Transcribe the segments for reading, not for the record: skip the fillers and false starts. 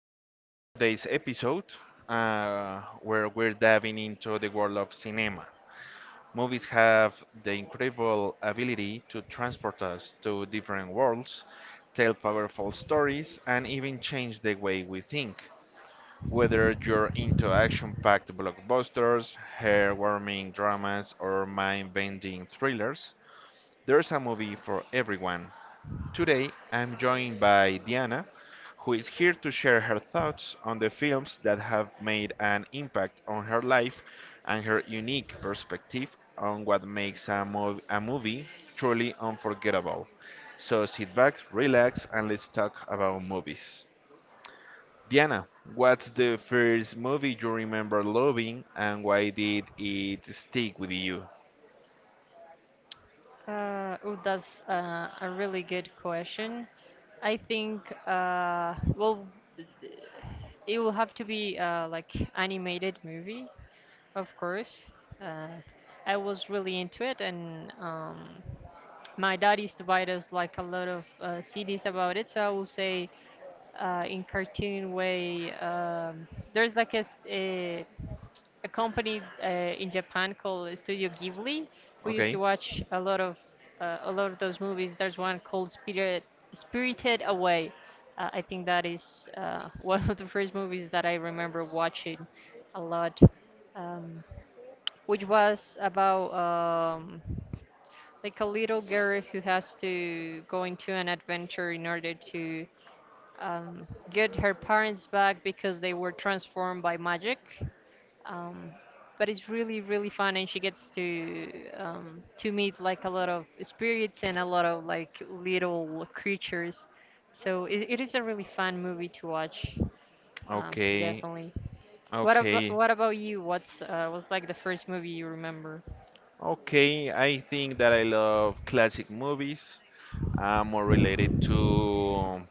welcome to today's episode, where we're diving into the world of cinema. Movies have the incredible ability to transport us to different worlds, tell powerful stories, and even change the way we think. Whether you're into action-packed blockbusters, hair-warming dramas, or mind-bending thrillers, there's a movie for everyone. Today, I'm joined by Diana, who is here to share her thoughts on the films that have made an impact on her life and her unique perspective on what makes a movie truly unforgettable. So sit back, relax, and let's talk about movies. Diana, what's the first movie you remember loving and why did it stick with you? Oh, that's a really good question. I think, it will have to be like animated movie, of course. Uh, I was really into it, and my dad used to buy us like a lot of CDs about it. So I will say, in cartoon way, there's like a a company in Japan called Studio Ghibli. We used to Okay, watch a lot of those movies. There's one called Spirited Away. I think that is one of the first movies that I remember watching a lot, um, which was about like a little girl who has to go into an adventure in order to get her parents back because they were transformed by magic um, but it's really really fun and she gets to meet like a lot of spirits and a lot of like little creatures. So it is a really fun movie to watch, okay, definitely. What about okay. You? What's was like the first movie you remember? Okay, I think that I love classic movies. I'm more related to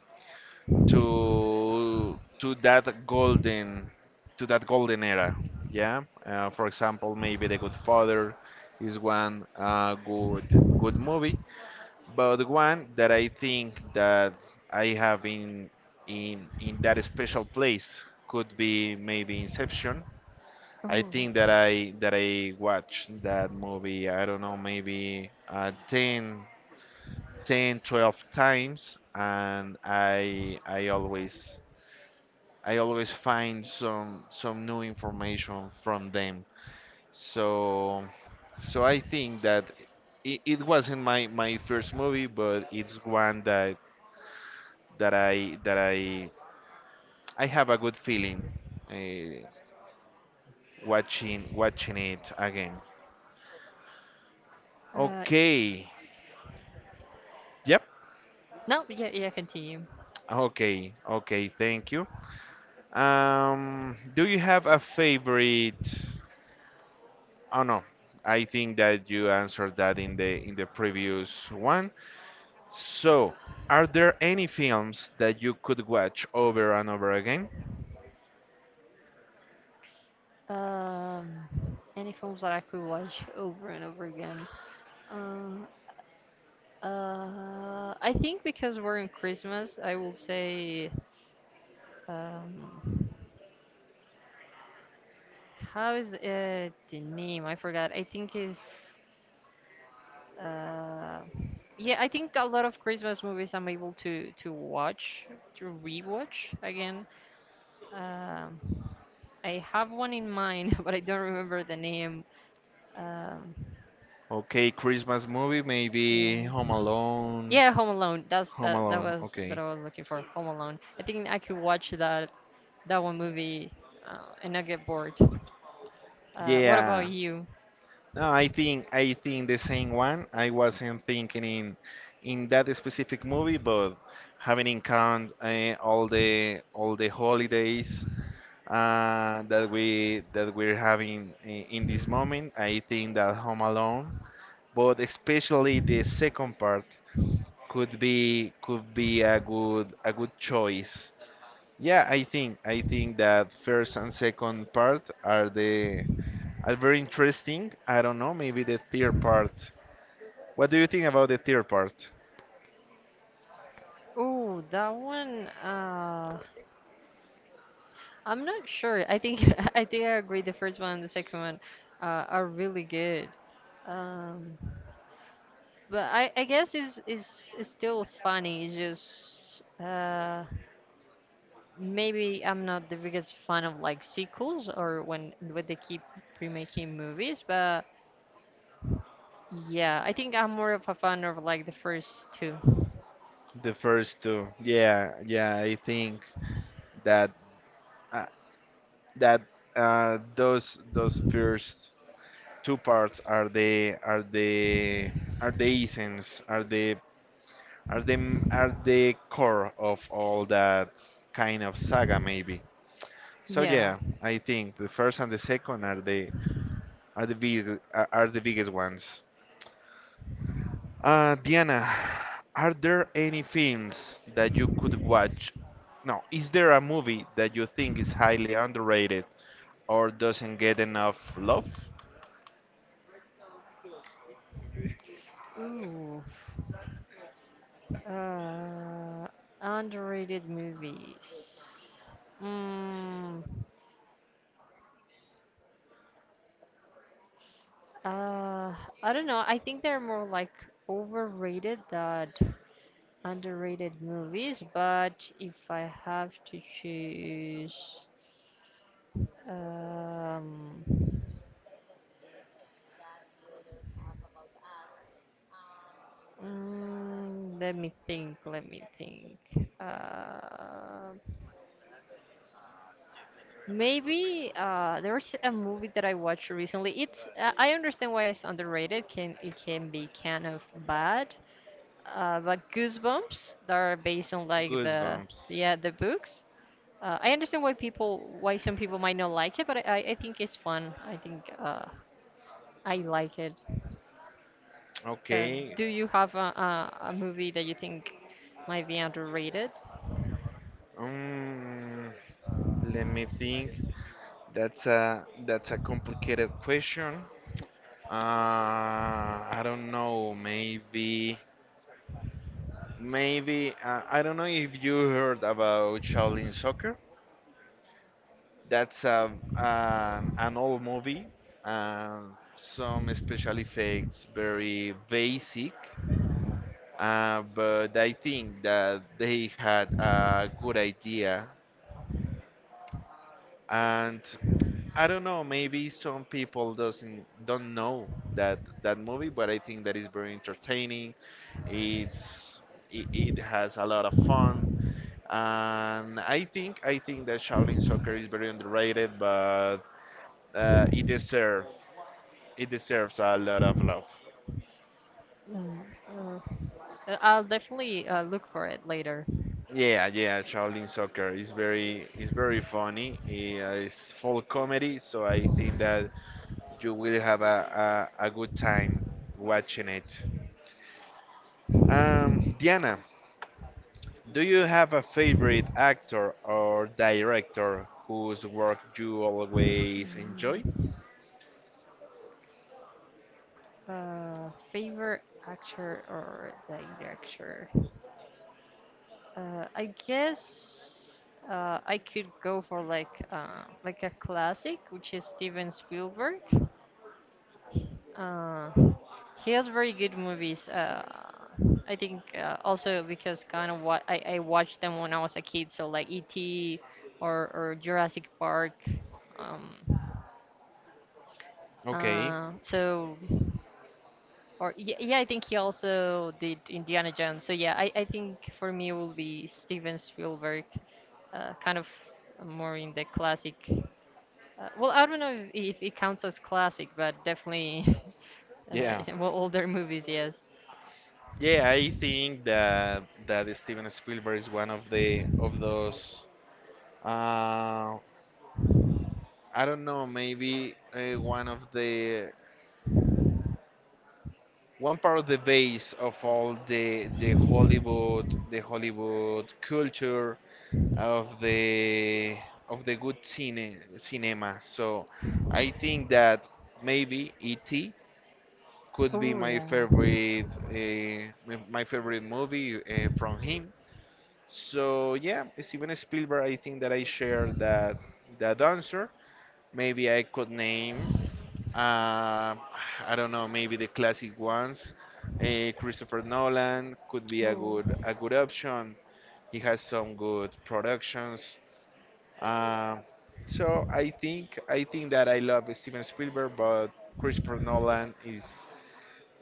to that golden to that golden era. Yeah. For example, maybe The Good Father is one good good movie, but one that I think that I have in in that special place could be maybe Inception. I Oh. think that I watched that movie, I don't know, maybe 10, ten, 12 times, and I always I always find some new information from them. So I think that it wasn't my first movie, but it's one that that I have a good feeling uh, watching watching it again. uh, Okay. Yep. no, yeah, yeah, continue. Okay, thank you. Do you have a favorite? Oh no, I think that you answered that in the previous one. So, are there any films that you could watch over and over again? um any films that I could watch over and over again? uh, I think because we're in Christmas, I will say. Um, how is the name? I forgot. I think is uh, yeah. I think a lot of Christmas movies I'm able to watch, to rewatch again. Um, I have one in mind, but I don't remember the name. Um, Okay, Christmas movie, maybe Home yeah, Alone. yeah, Home Alone. That's Home that that Alone, was that I okay. was looking for. Home Alone. I think I could watch that that one movie and not get bored. What about Yeah, you? no, I think the same one. I wasn't thinking in that specific movie, but having in count all the holidays that we that we're having in this moment, I think that Home Alone, but especially the second part could be a good choice. Yeah, I think that first and second part are the are very interesting. I don't know, maybe the third part, what do you think about the third part? Oh, that one. I'm not sure. I think I think I agree. The first one and the second one are really good. Um, but I guess it's still funny. It's just maybe I'm not the biggest fan of like sequels or when they keep remaking movies. But yeah, I think I'm more of a fan of like the first two. The first two? Yeah, yeah, I think that uh, that those first two parts are the are the are the essence, are the are the are the core of all that kind of saga maybe. So Yeah. yeah, I think the first and the second are the big are the biggest ones. Diana, are there any films that you could watch? No, is there a movie that you think is highly underrated or doesn't get enough love? Ooh. Uh, Underrated movies. Mm. Uh, I don't know. I think they're more like overrated than underrated movies, but if I have to choose, um, let me think, let me think. Maybe there was a movie that I watched recently. It's I understand why it's underrated. Can it can be kind of bad, like Goosebumps that are based on like the Goosebumps. yeah the books. I understand why people why some people might not like it, but I think it's fun. I think I like it. Uh, Okay. do you have a movie that you think might be underrated? Um, Let me think. That's a complicated question. I don't know. Maybe I don't know if you heard about Shaolin Soccer. That's an old movie, and some special effects, very basic. But I think that they had a good idea, and I don't know, maybe some people doesn't don't know that that movie, but I think that is very entertaining. It's it has a lot of fun, and I think that Shaolin Soccer is very underrated, but uh, it deserves It deserves a lot of love. Mm, uh, I'll definitely look for it later. Yeah, yeah, Shaolin Soccer is very funny. Yeah, it's full comedy, so I think that you will have a good time watching it. Diana, do you have a favorite actor or director whose work you always enjoy? Favorite actor or director? I guess I could go for like a classic, which is Steven Spielberg. Uh, he has very good movies. I think also because kind of what I watched them when I was a kid, so like E.T. or Jurassic Park. Um, Okay, uh, so. Or yeah, yeah, I think he also did Indiana Jones. So yeah, I think for me it will be Steven Spielberg, kind of more in the classic. Well, I don't know if it counts as classic, but definitely uh, yeah. well, older movies. Yes. Yeah, I think that that Steven Spielberg is one of the of those uh, I don't know, maybe one of the one part of the base of all the Hollywood culture of the of the good cinema. So I think that maybe E.T. could be Oh my yeah. favorite my favorite movie from him. So yeah, Steven Spielberg. I think that I share that that answer. Maybe I could name Um, I don't know, maybe the classic ones. Christopher Nolan could be Oh. A good option. He has some good productions. Um, so I think that I love Steven Spielberg, but Christopher Nolan is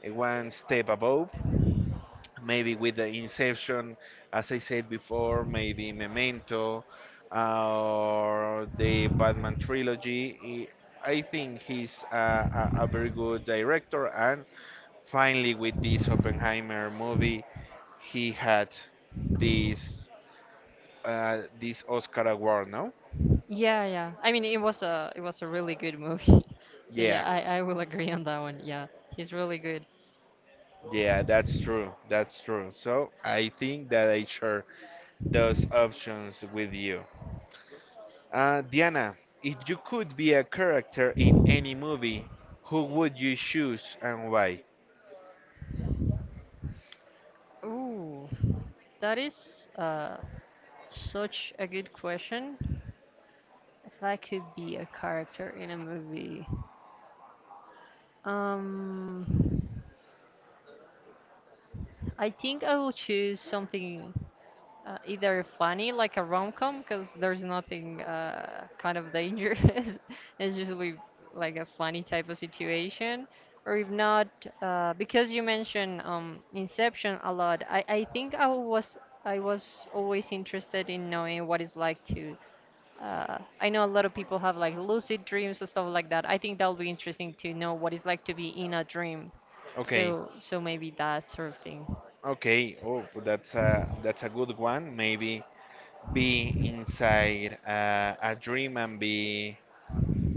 one step above maybe with the Inception, as I said before, maybe Memento or the Batman trilogy. I think he's a very good director, and finally, with this Oppenheimer movie, he had this this Oscar award, no? Yeah, yeah. I mean, it was a really good movie. So yeah, Yeah, I will agree on that one. Yeah, he's really good. yeah, that's true. That's true. So I think that I share those options with you. Diana, if you could be a character in any movie, who would you choose and why? Ooh, that is such a good question. If I could be a character in a movie, um, I think I will choose something either funny, like a rom-com, because there's nothing kind of dangerous. It's usually like a funny type of situation. Or if not, because you mentioned Inception a lot, I think I was always interested in knowing what it's like to. I know a lot of people have like lucid dreams and stuff like that. I think that'll be interesting to know what it's like to be in a dream. Okay, So, maybe that sort of thing. okay. Oh, that's a good one. Maybe be inside a dream and be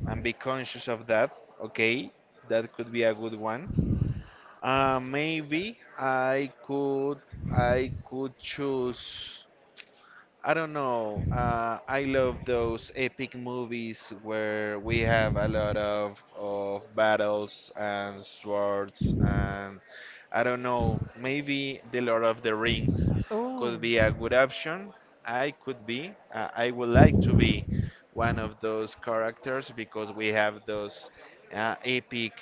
and be conscious of that. Okay, that could be a good one. Maybe I could choose. I don't know. I love those epic movies where we have a lot of battles and swords and I don't know. Maybe the Lord of the Rings Oh, could be a good option. I could be. I would like to be one of those characters because we have those epic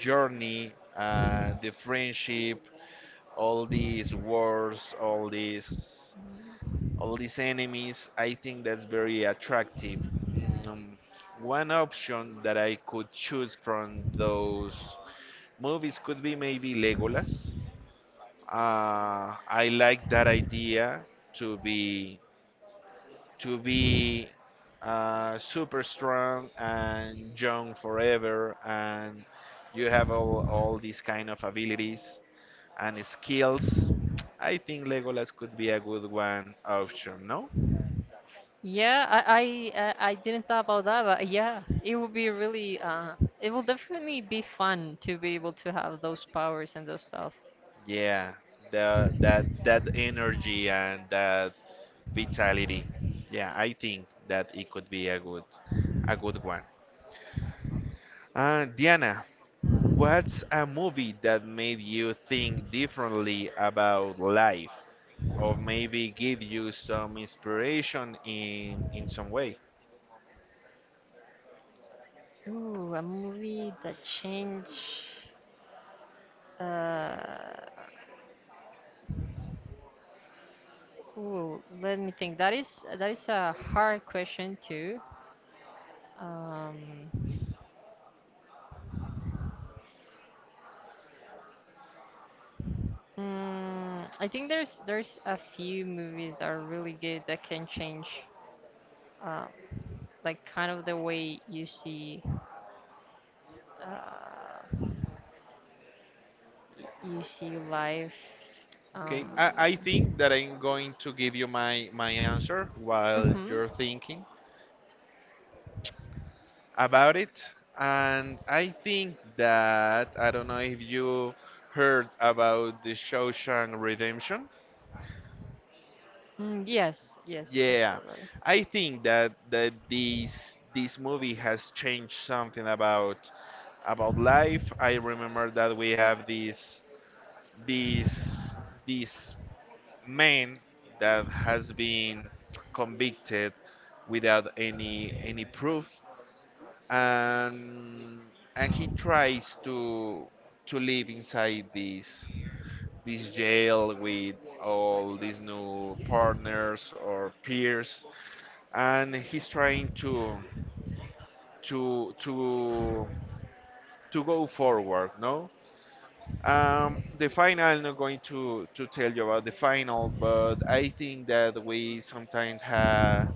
journey, the friendship, all these wars, all these enemies. I think that's very attractive. Mm, one option that I could choose from those movies could be maybe Legolas. I like that idea to be to be super strong and young forever, and you have all these kind of abilities and skills. I think Legolas could be a good one option, no? yeah, I didn't thought about that, but yeah, it would be really it will definitely be fun to be able to have those powers and those stuff. Yeah, that that energy and that vitality. Yeah, I think that it could be a good one. Diana, what's a movie that made you think differently about life, or maybe give you some inspiration in some way? Ooh, a movie that changed. Uh, let me think. That is a hard question too. Um, I think there's a few movies that are really good that can change, um, like kind of the way you see, uh, you see life. Okay, I Um, think that I'm going to give you my my answer while mm-hmm. you're thinking about it. And I think that I don't know if you heard about the Shawshank Redemption. Yes, yes, I Yeah, forgot. I think that that this movie has changed something about life. I remember that we have this this man that has been convicted without any any proof, and he tries to live inside this this jail with all these new partners or peers, and he's trying to to go forward, no? Um, the final, I'm not going to tell you about the final, but I think that we sometimes have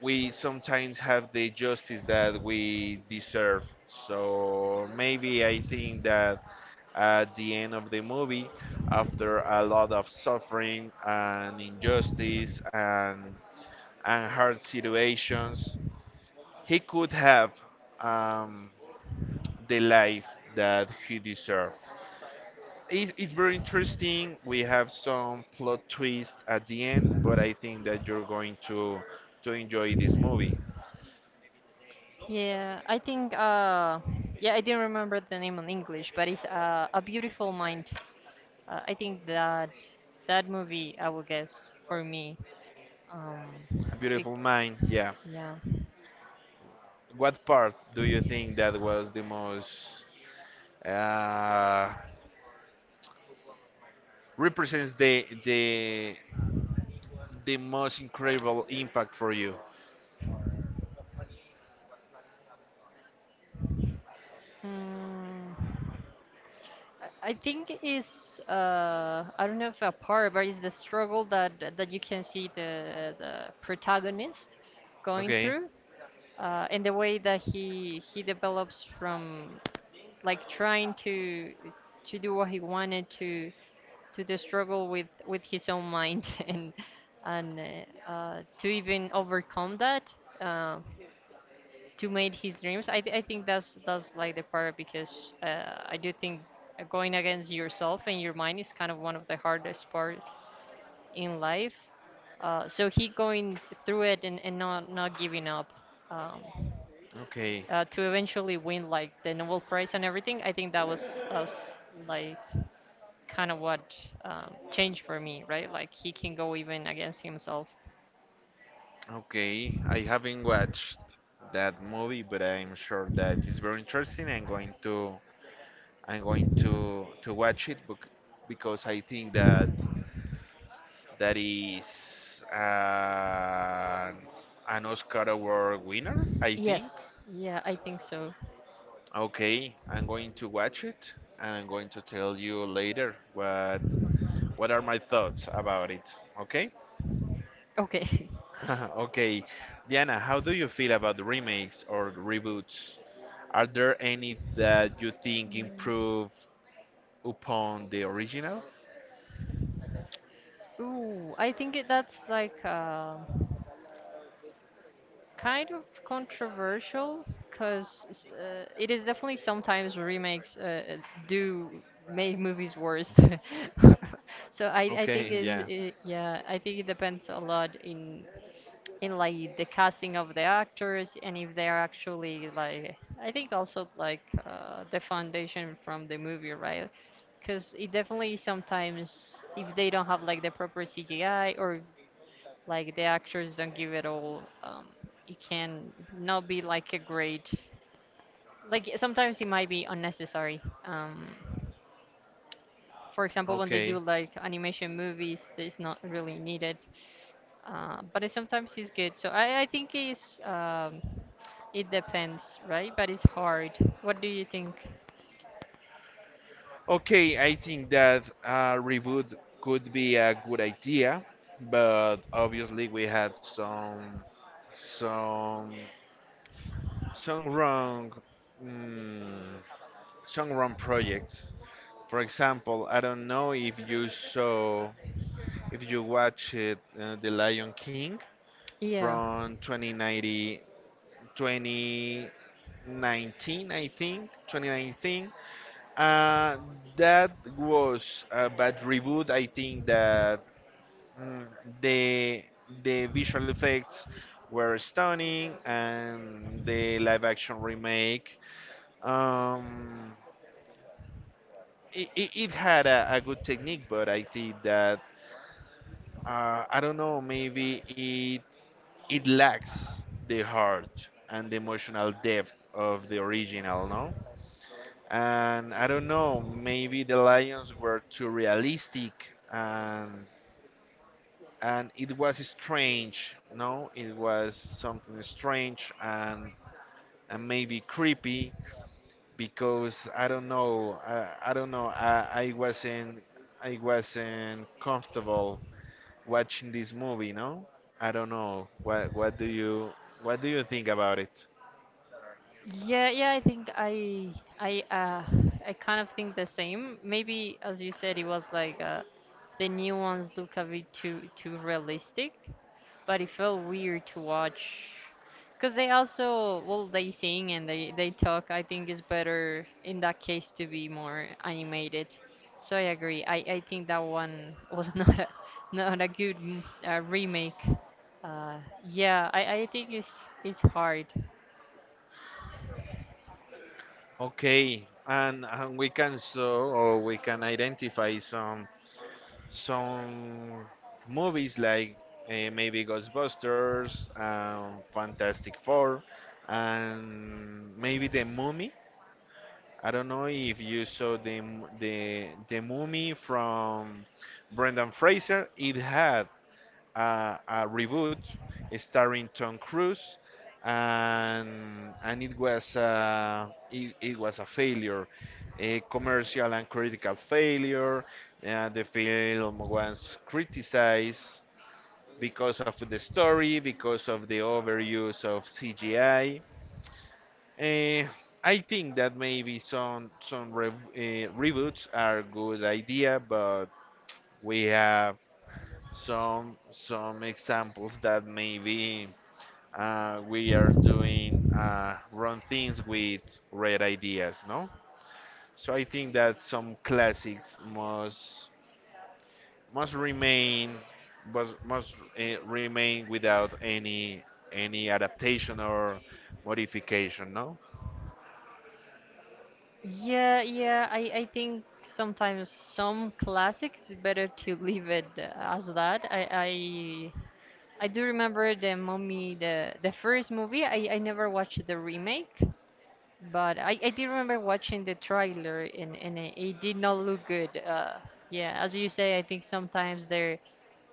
the justice that we deserve. So maybe I think that at the end of the movie, after a lot of suffering and injustice and hard situations, he could have um, the life that he deserved. It's very interesting. We have some plot twist at the end, but I think that you're going to enjoy this movie. Yeah, I think yeah, I didn't remember the name in English, but it's A Beautiful Mind. I think that that movie, I would guess for me, um A it Beautiful Mind, yeah. yeah. What part do you think that was the most uh, represents the most incredible impact for you? Mm, I think it's I don't know if a part, but it's the struggle that you can see the protagonist going Okay, through, and the way that he develops from like trying to do what he wanted to the struggle with his own mind and to even overcome that, uh, to make his dreams. I think that's like the part, because I do think going against yourself and your mind is kind of one of the hardest parts in life. So he going through it and, not giving up, um, okay, to eventually win like the Nobel Prize and everything. I think that was like kind of what, changed for me, right? Like he can go even against himself. okay. I haven't watched that movie, but I'm sure that it's very interesting. I'm going to watch it because I think that that is an Oscar award winner, I think. Yes, yeah, I think so. Okay, I'm going to watch it, and I'm going to tell you later what are my thoughts about it. Okay? Okay. Okay. Diana, how do you feel about the remakes or reboots? Are there any that you think improve upon the original? Ooh, I think that's like kind of controversial because it is definitely sometimes remakes do make movies worse. So I think Okay, is yeah. it, yeah, I think it depends a lot in like the casting of the actors, and if they're actually like. I think also like the foundation from the movie, right? Because it definitely sometimes if they don't have like the proper CGI or like the actors don't give it all, it can not be like a great, like sometimes it might be unnecessary. For example, when they Okay. do like animation movies, it's not really needed. But it sometimes it's good. So I think it's it depends, right? But it's hard. What do you think? Okay, I think that a reboot could be a good idea, but obviously we had some some wrong mm, some wrong projects. For example, I don't know if you watched The Lion King Yeah. from 2090 2019 I think 2019. uh, that was a bad reboot. I think that mm, the the visual effects were stunning, and the live action remake, um, it had a good technique, but I think that I don't know. Maybe it lacks the heart and the emotional depth of the original, no? And I don't know. Maybe the lions were too realistic, and it was strange, no? It was something strange and maybe creepy because I don't know. I don't know. I wasn't comfortable watching this movie, no? I don't know. What do you think about it? Yeah, yeah, I think I uh I kind of think the same. Maybe as you said, it was like the new ones look a bit too realistic, but it felt weird to watch because they also, well, they sing and they talk. I think it's better in that case to be more animated. So I agree. I think that one was not a good remake. uh yeah, I think it's hard. Okay, and we can so or we can identify some movies like maybe Ghostbusters, Fantastic Four, and maybe The Mummy. I don't know if you saw the Mummy from Brendan Fraser. It had a reboot starring Tom Cruise, and it was it was a failure, a commercial and critical failure. The film was criticized because of the story, because of the overuse of CGI. Eh, I Uh, I think that maybe some reboots are a good idea, but we have some examples that maybe we are doing wrong things with red ideas, no? So I think that some classics must remain must remain without any adaptation or modification, no? Yeah, yeah, I think sometimes some classics it's better to leave it as that. I do remember the Mummy, the first movie. I never watched the remake, but I did remember watching the trailer, and, it, did not look good. Yeah, as you say, I think sometimes they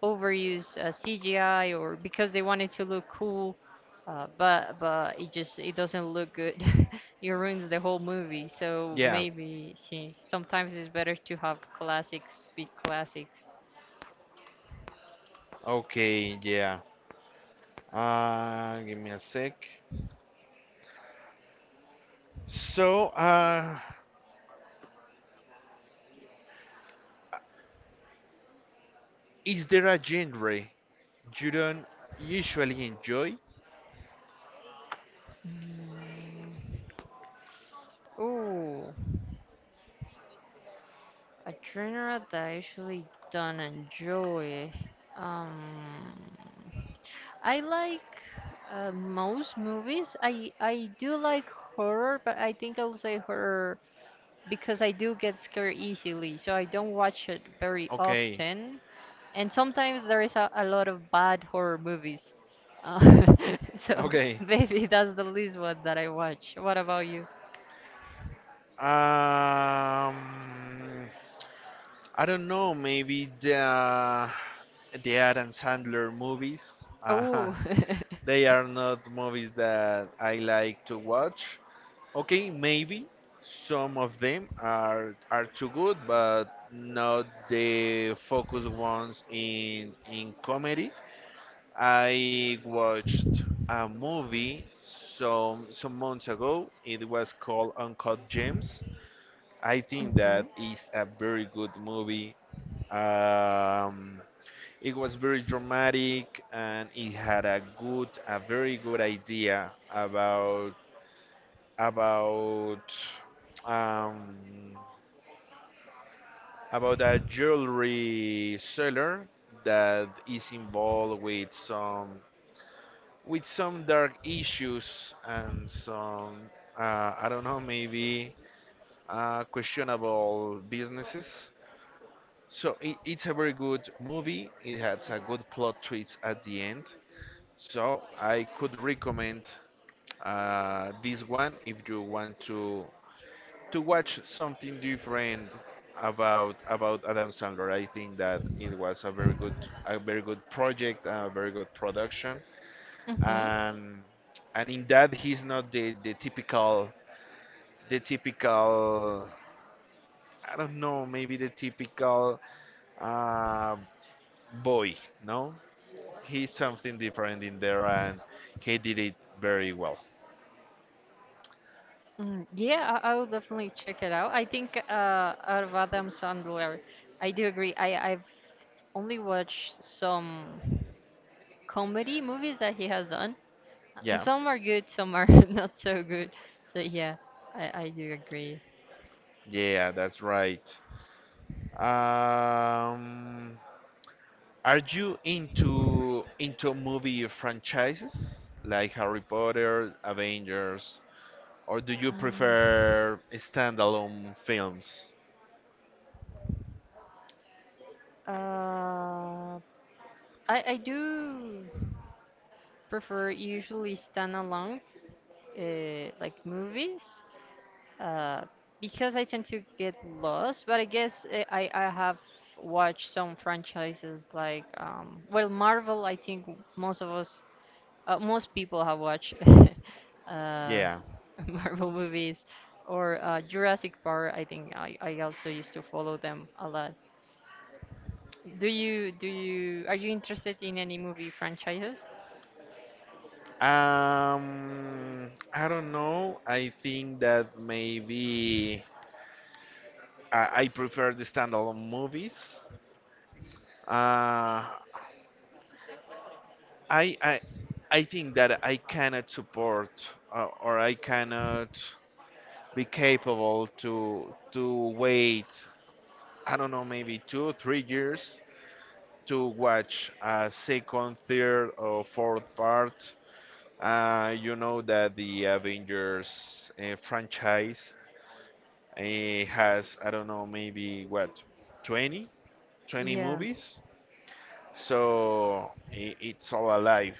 overuse CGI, or because they wanted to look cool, but it just it doesn't look good. It ruins the whole movie. So Yeah. maybe sometimes it's better to have classics be classics. Okay. Yeah. Give me a sec. So, is there a genre you don't usually enjoy? Mm. Ooh. A genre that I usually don't enjoy. Um, I like most movies. I do like horror, but I think I'll say horror because I do get scared easily, so I don't watch it very Okay. often. And sometimes there is a lot of bad horror movies. Uh, so Okay. maybe that's the least one that I watch. What about you? Um, I don't know. Maybe the Adam Sandler movies. Oh. they are not movies that I like to watch. Okay, maybe some of them are too good, but not the focus ones in comedy. I watched a movie some months ago. It was called Uncut Gems. I think Hmm. that is a very good movie. Um, it was very dramatic, and it had a good, a very good idea about about um, a jewelry seller that is involved with some dark issues and some, I don't know, maybe questionable businesses. So it's a very good movie. It has a good plot twist at the end. So I could recommend this one if you want to watch something different about Adam Sandler. I think that it was a very good project, a very good production, Hmm. and and in that he's not the typical, the typical, I don't know, maybe the typical, uh, boy, no? He's something different in there, and he did it very well. Mm, yeah, I will definitely check it out. I think out of Adam Sandler, I do agree. I've only watched some comedy movies that he has done. And Yeah, some are good, some are not so good. So yeah, I do agree. yeah, that's right. Um, are you into movie franchises like Harry Potter, Avengers, or do you Mm, prefer standalone films? uh, I do prefer usually standalone like movies, uh, because I tend to get lost. But I guess I have watched some franchises like well, Marvel. I think most of us, most people have watched uh, Yeah. Marvel movies or Jurassic Park. I think I also used to follow them a lot. Do you are you interested in any movie franchises? I don't know. I think that maybe I prefer the standalone movies. Uh, I I I think that I cannot support, or I cannot be capable to wait. I don't know, maybe 2, 3 years to watch a second, third, or fourth part. You know that the Avengers franchise has, I don't know, maybe what, 20 twenty Yeah. movies. So I it's all alive.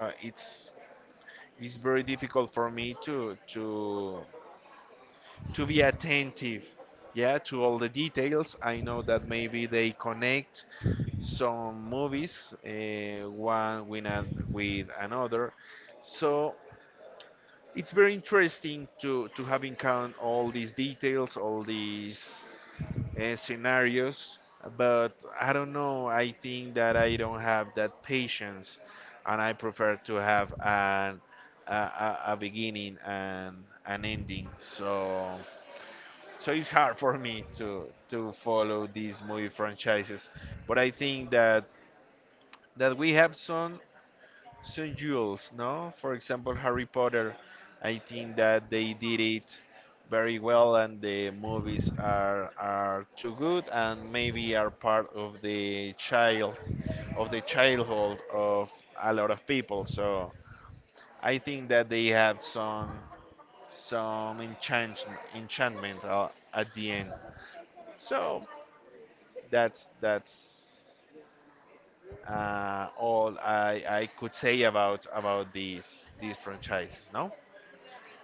Uh, it's it's very difficult for me to be attentive, yeah, to all the details. I know that maybe they connect some movies, one with another, so it's very interesting to have in count all these details, all these scenarios, but I don't know. I think that I don't have that patience, and I prefer to have a beginning and an ending. So it's hard for me to follow these movie franchises, but I think that we have some jewels, no? For example, Harry Potter. I think that they did it very well, and the movies are too good, and maybe are part of the childhood of a lot of people. So I think that they have some enchantment at the end. So that's all I could say about these franchises. No.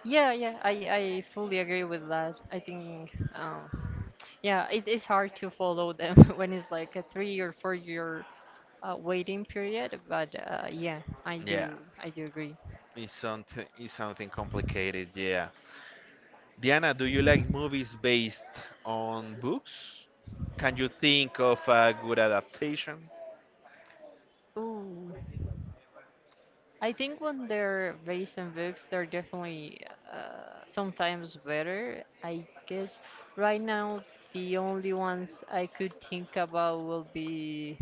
Yeah, yeah, I fully agree with that. I think, yeah, it's hard to follow them when it's like a three or four year waiting period. But yeah, I Yeah, do, I do agree. it's something complicated. Yeah. Diana, do you like movies based on books? Can you think of a good adaptation? Ooh, I think when they're based on books, they're definitely sometimes better. I guess right now the only ones I could think about will be.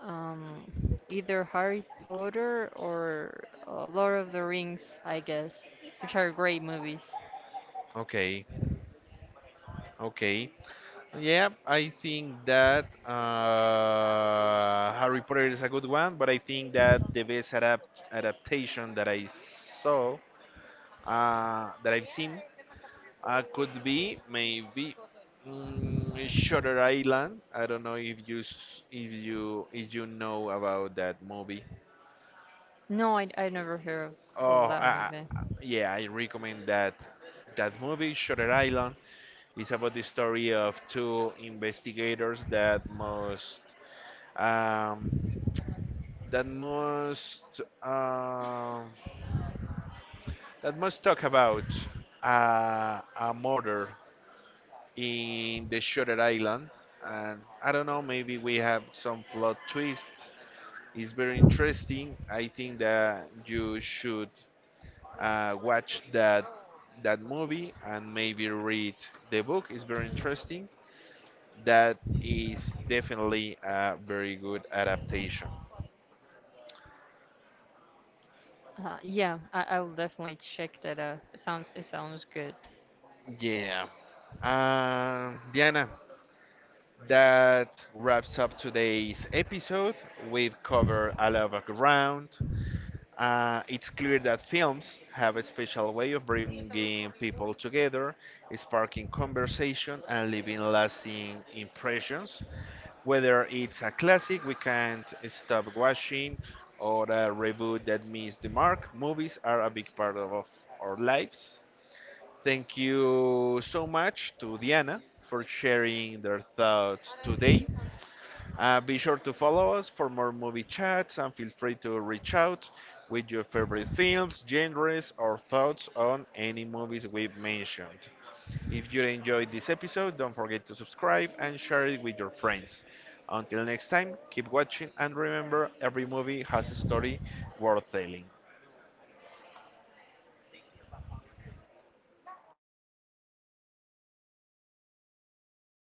Um, Either Harry Potter or Lord of the Rings, I guess, which are great movies. Okay, okay. Yeah, I think that Harry Potter is a good one, but I think that the best adaptation that I've seen, could be maybe, Shutter Island. I don't know if you s- if you know about that movie. No, I never heard of, Oh, that movie. Yeah, I recommend that movie, Shutter Island. It's about the story of two investigators um, that must um, that must talk about a murder in the Shutter Island. And I don't know, maybe we have some plot twists. It's very interesting. I think that you should watch that movie and maybe read the book. It's very interesting. That is definitely a very good adaptation. Yeah, I will definitely check that out. It sounds good. Yeah. Diana, that wraps up today's episode. We've covered a lot of ground. It's clear that films have a special way of bringing people together, sparking conversation, and leaving lasting impressions. Whether it's a classic we can't stop watching or a reboot that missed the mark, movies are a big part of our lives. Thank you so much to Diana for sharing their thoughts today. Be sure to follow us for more movie chats, and feel free to reach out with your favorite films, genres, or thoughts on any movies we've mentioned. If you enjoyed this episode, don't forget to subscribe and share it with your friends. Until next time, keep watching and remember every movie has a story worth telling.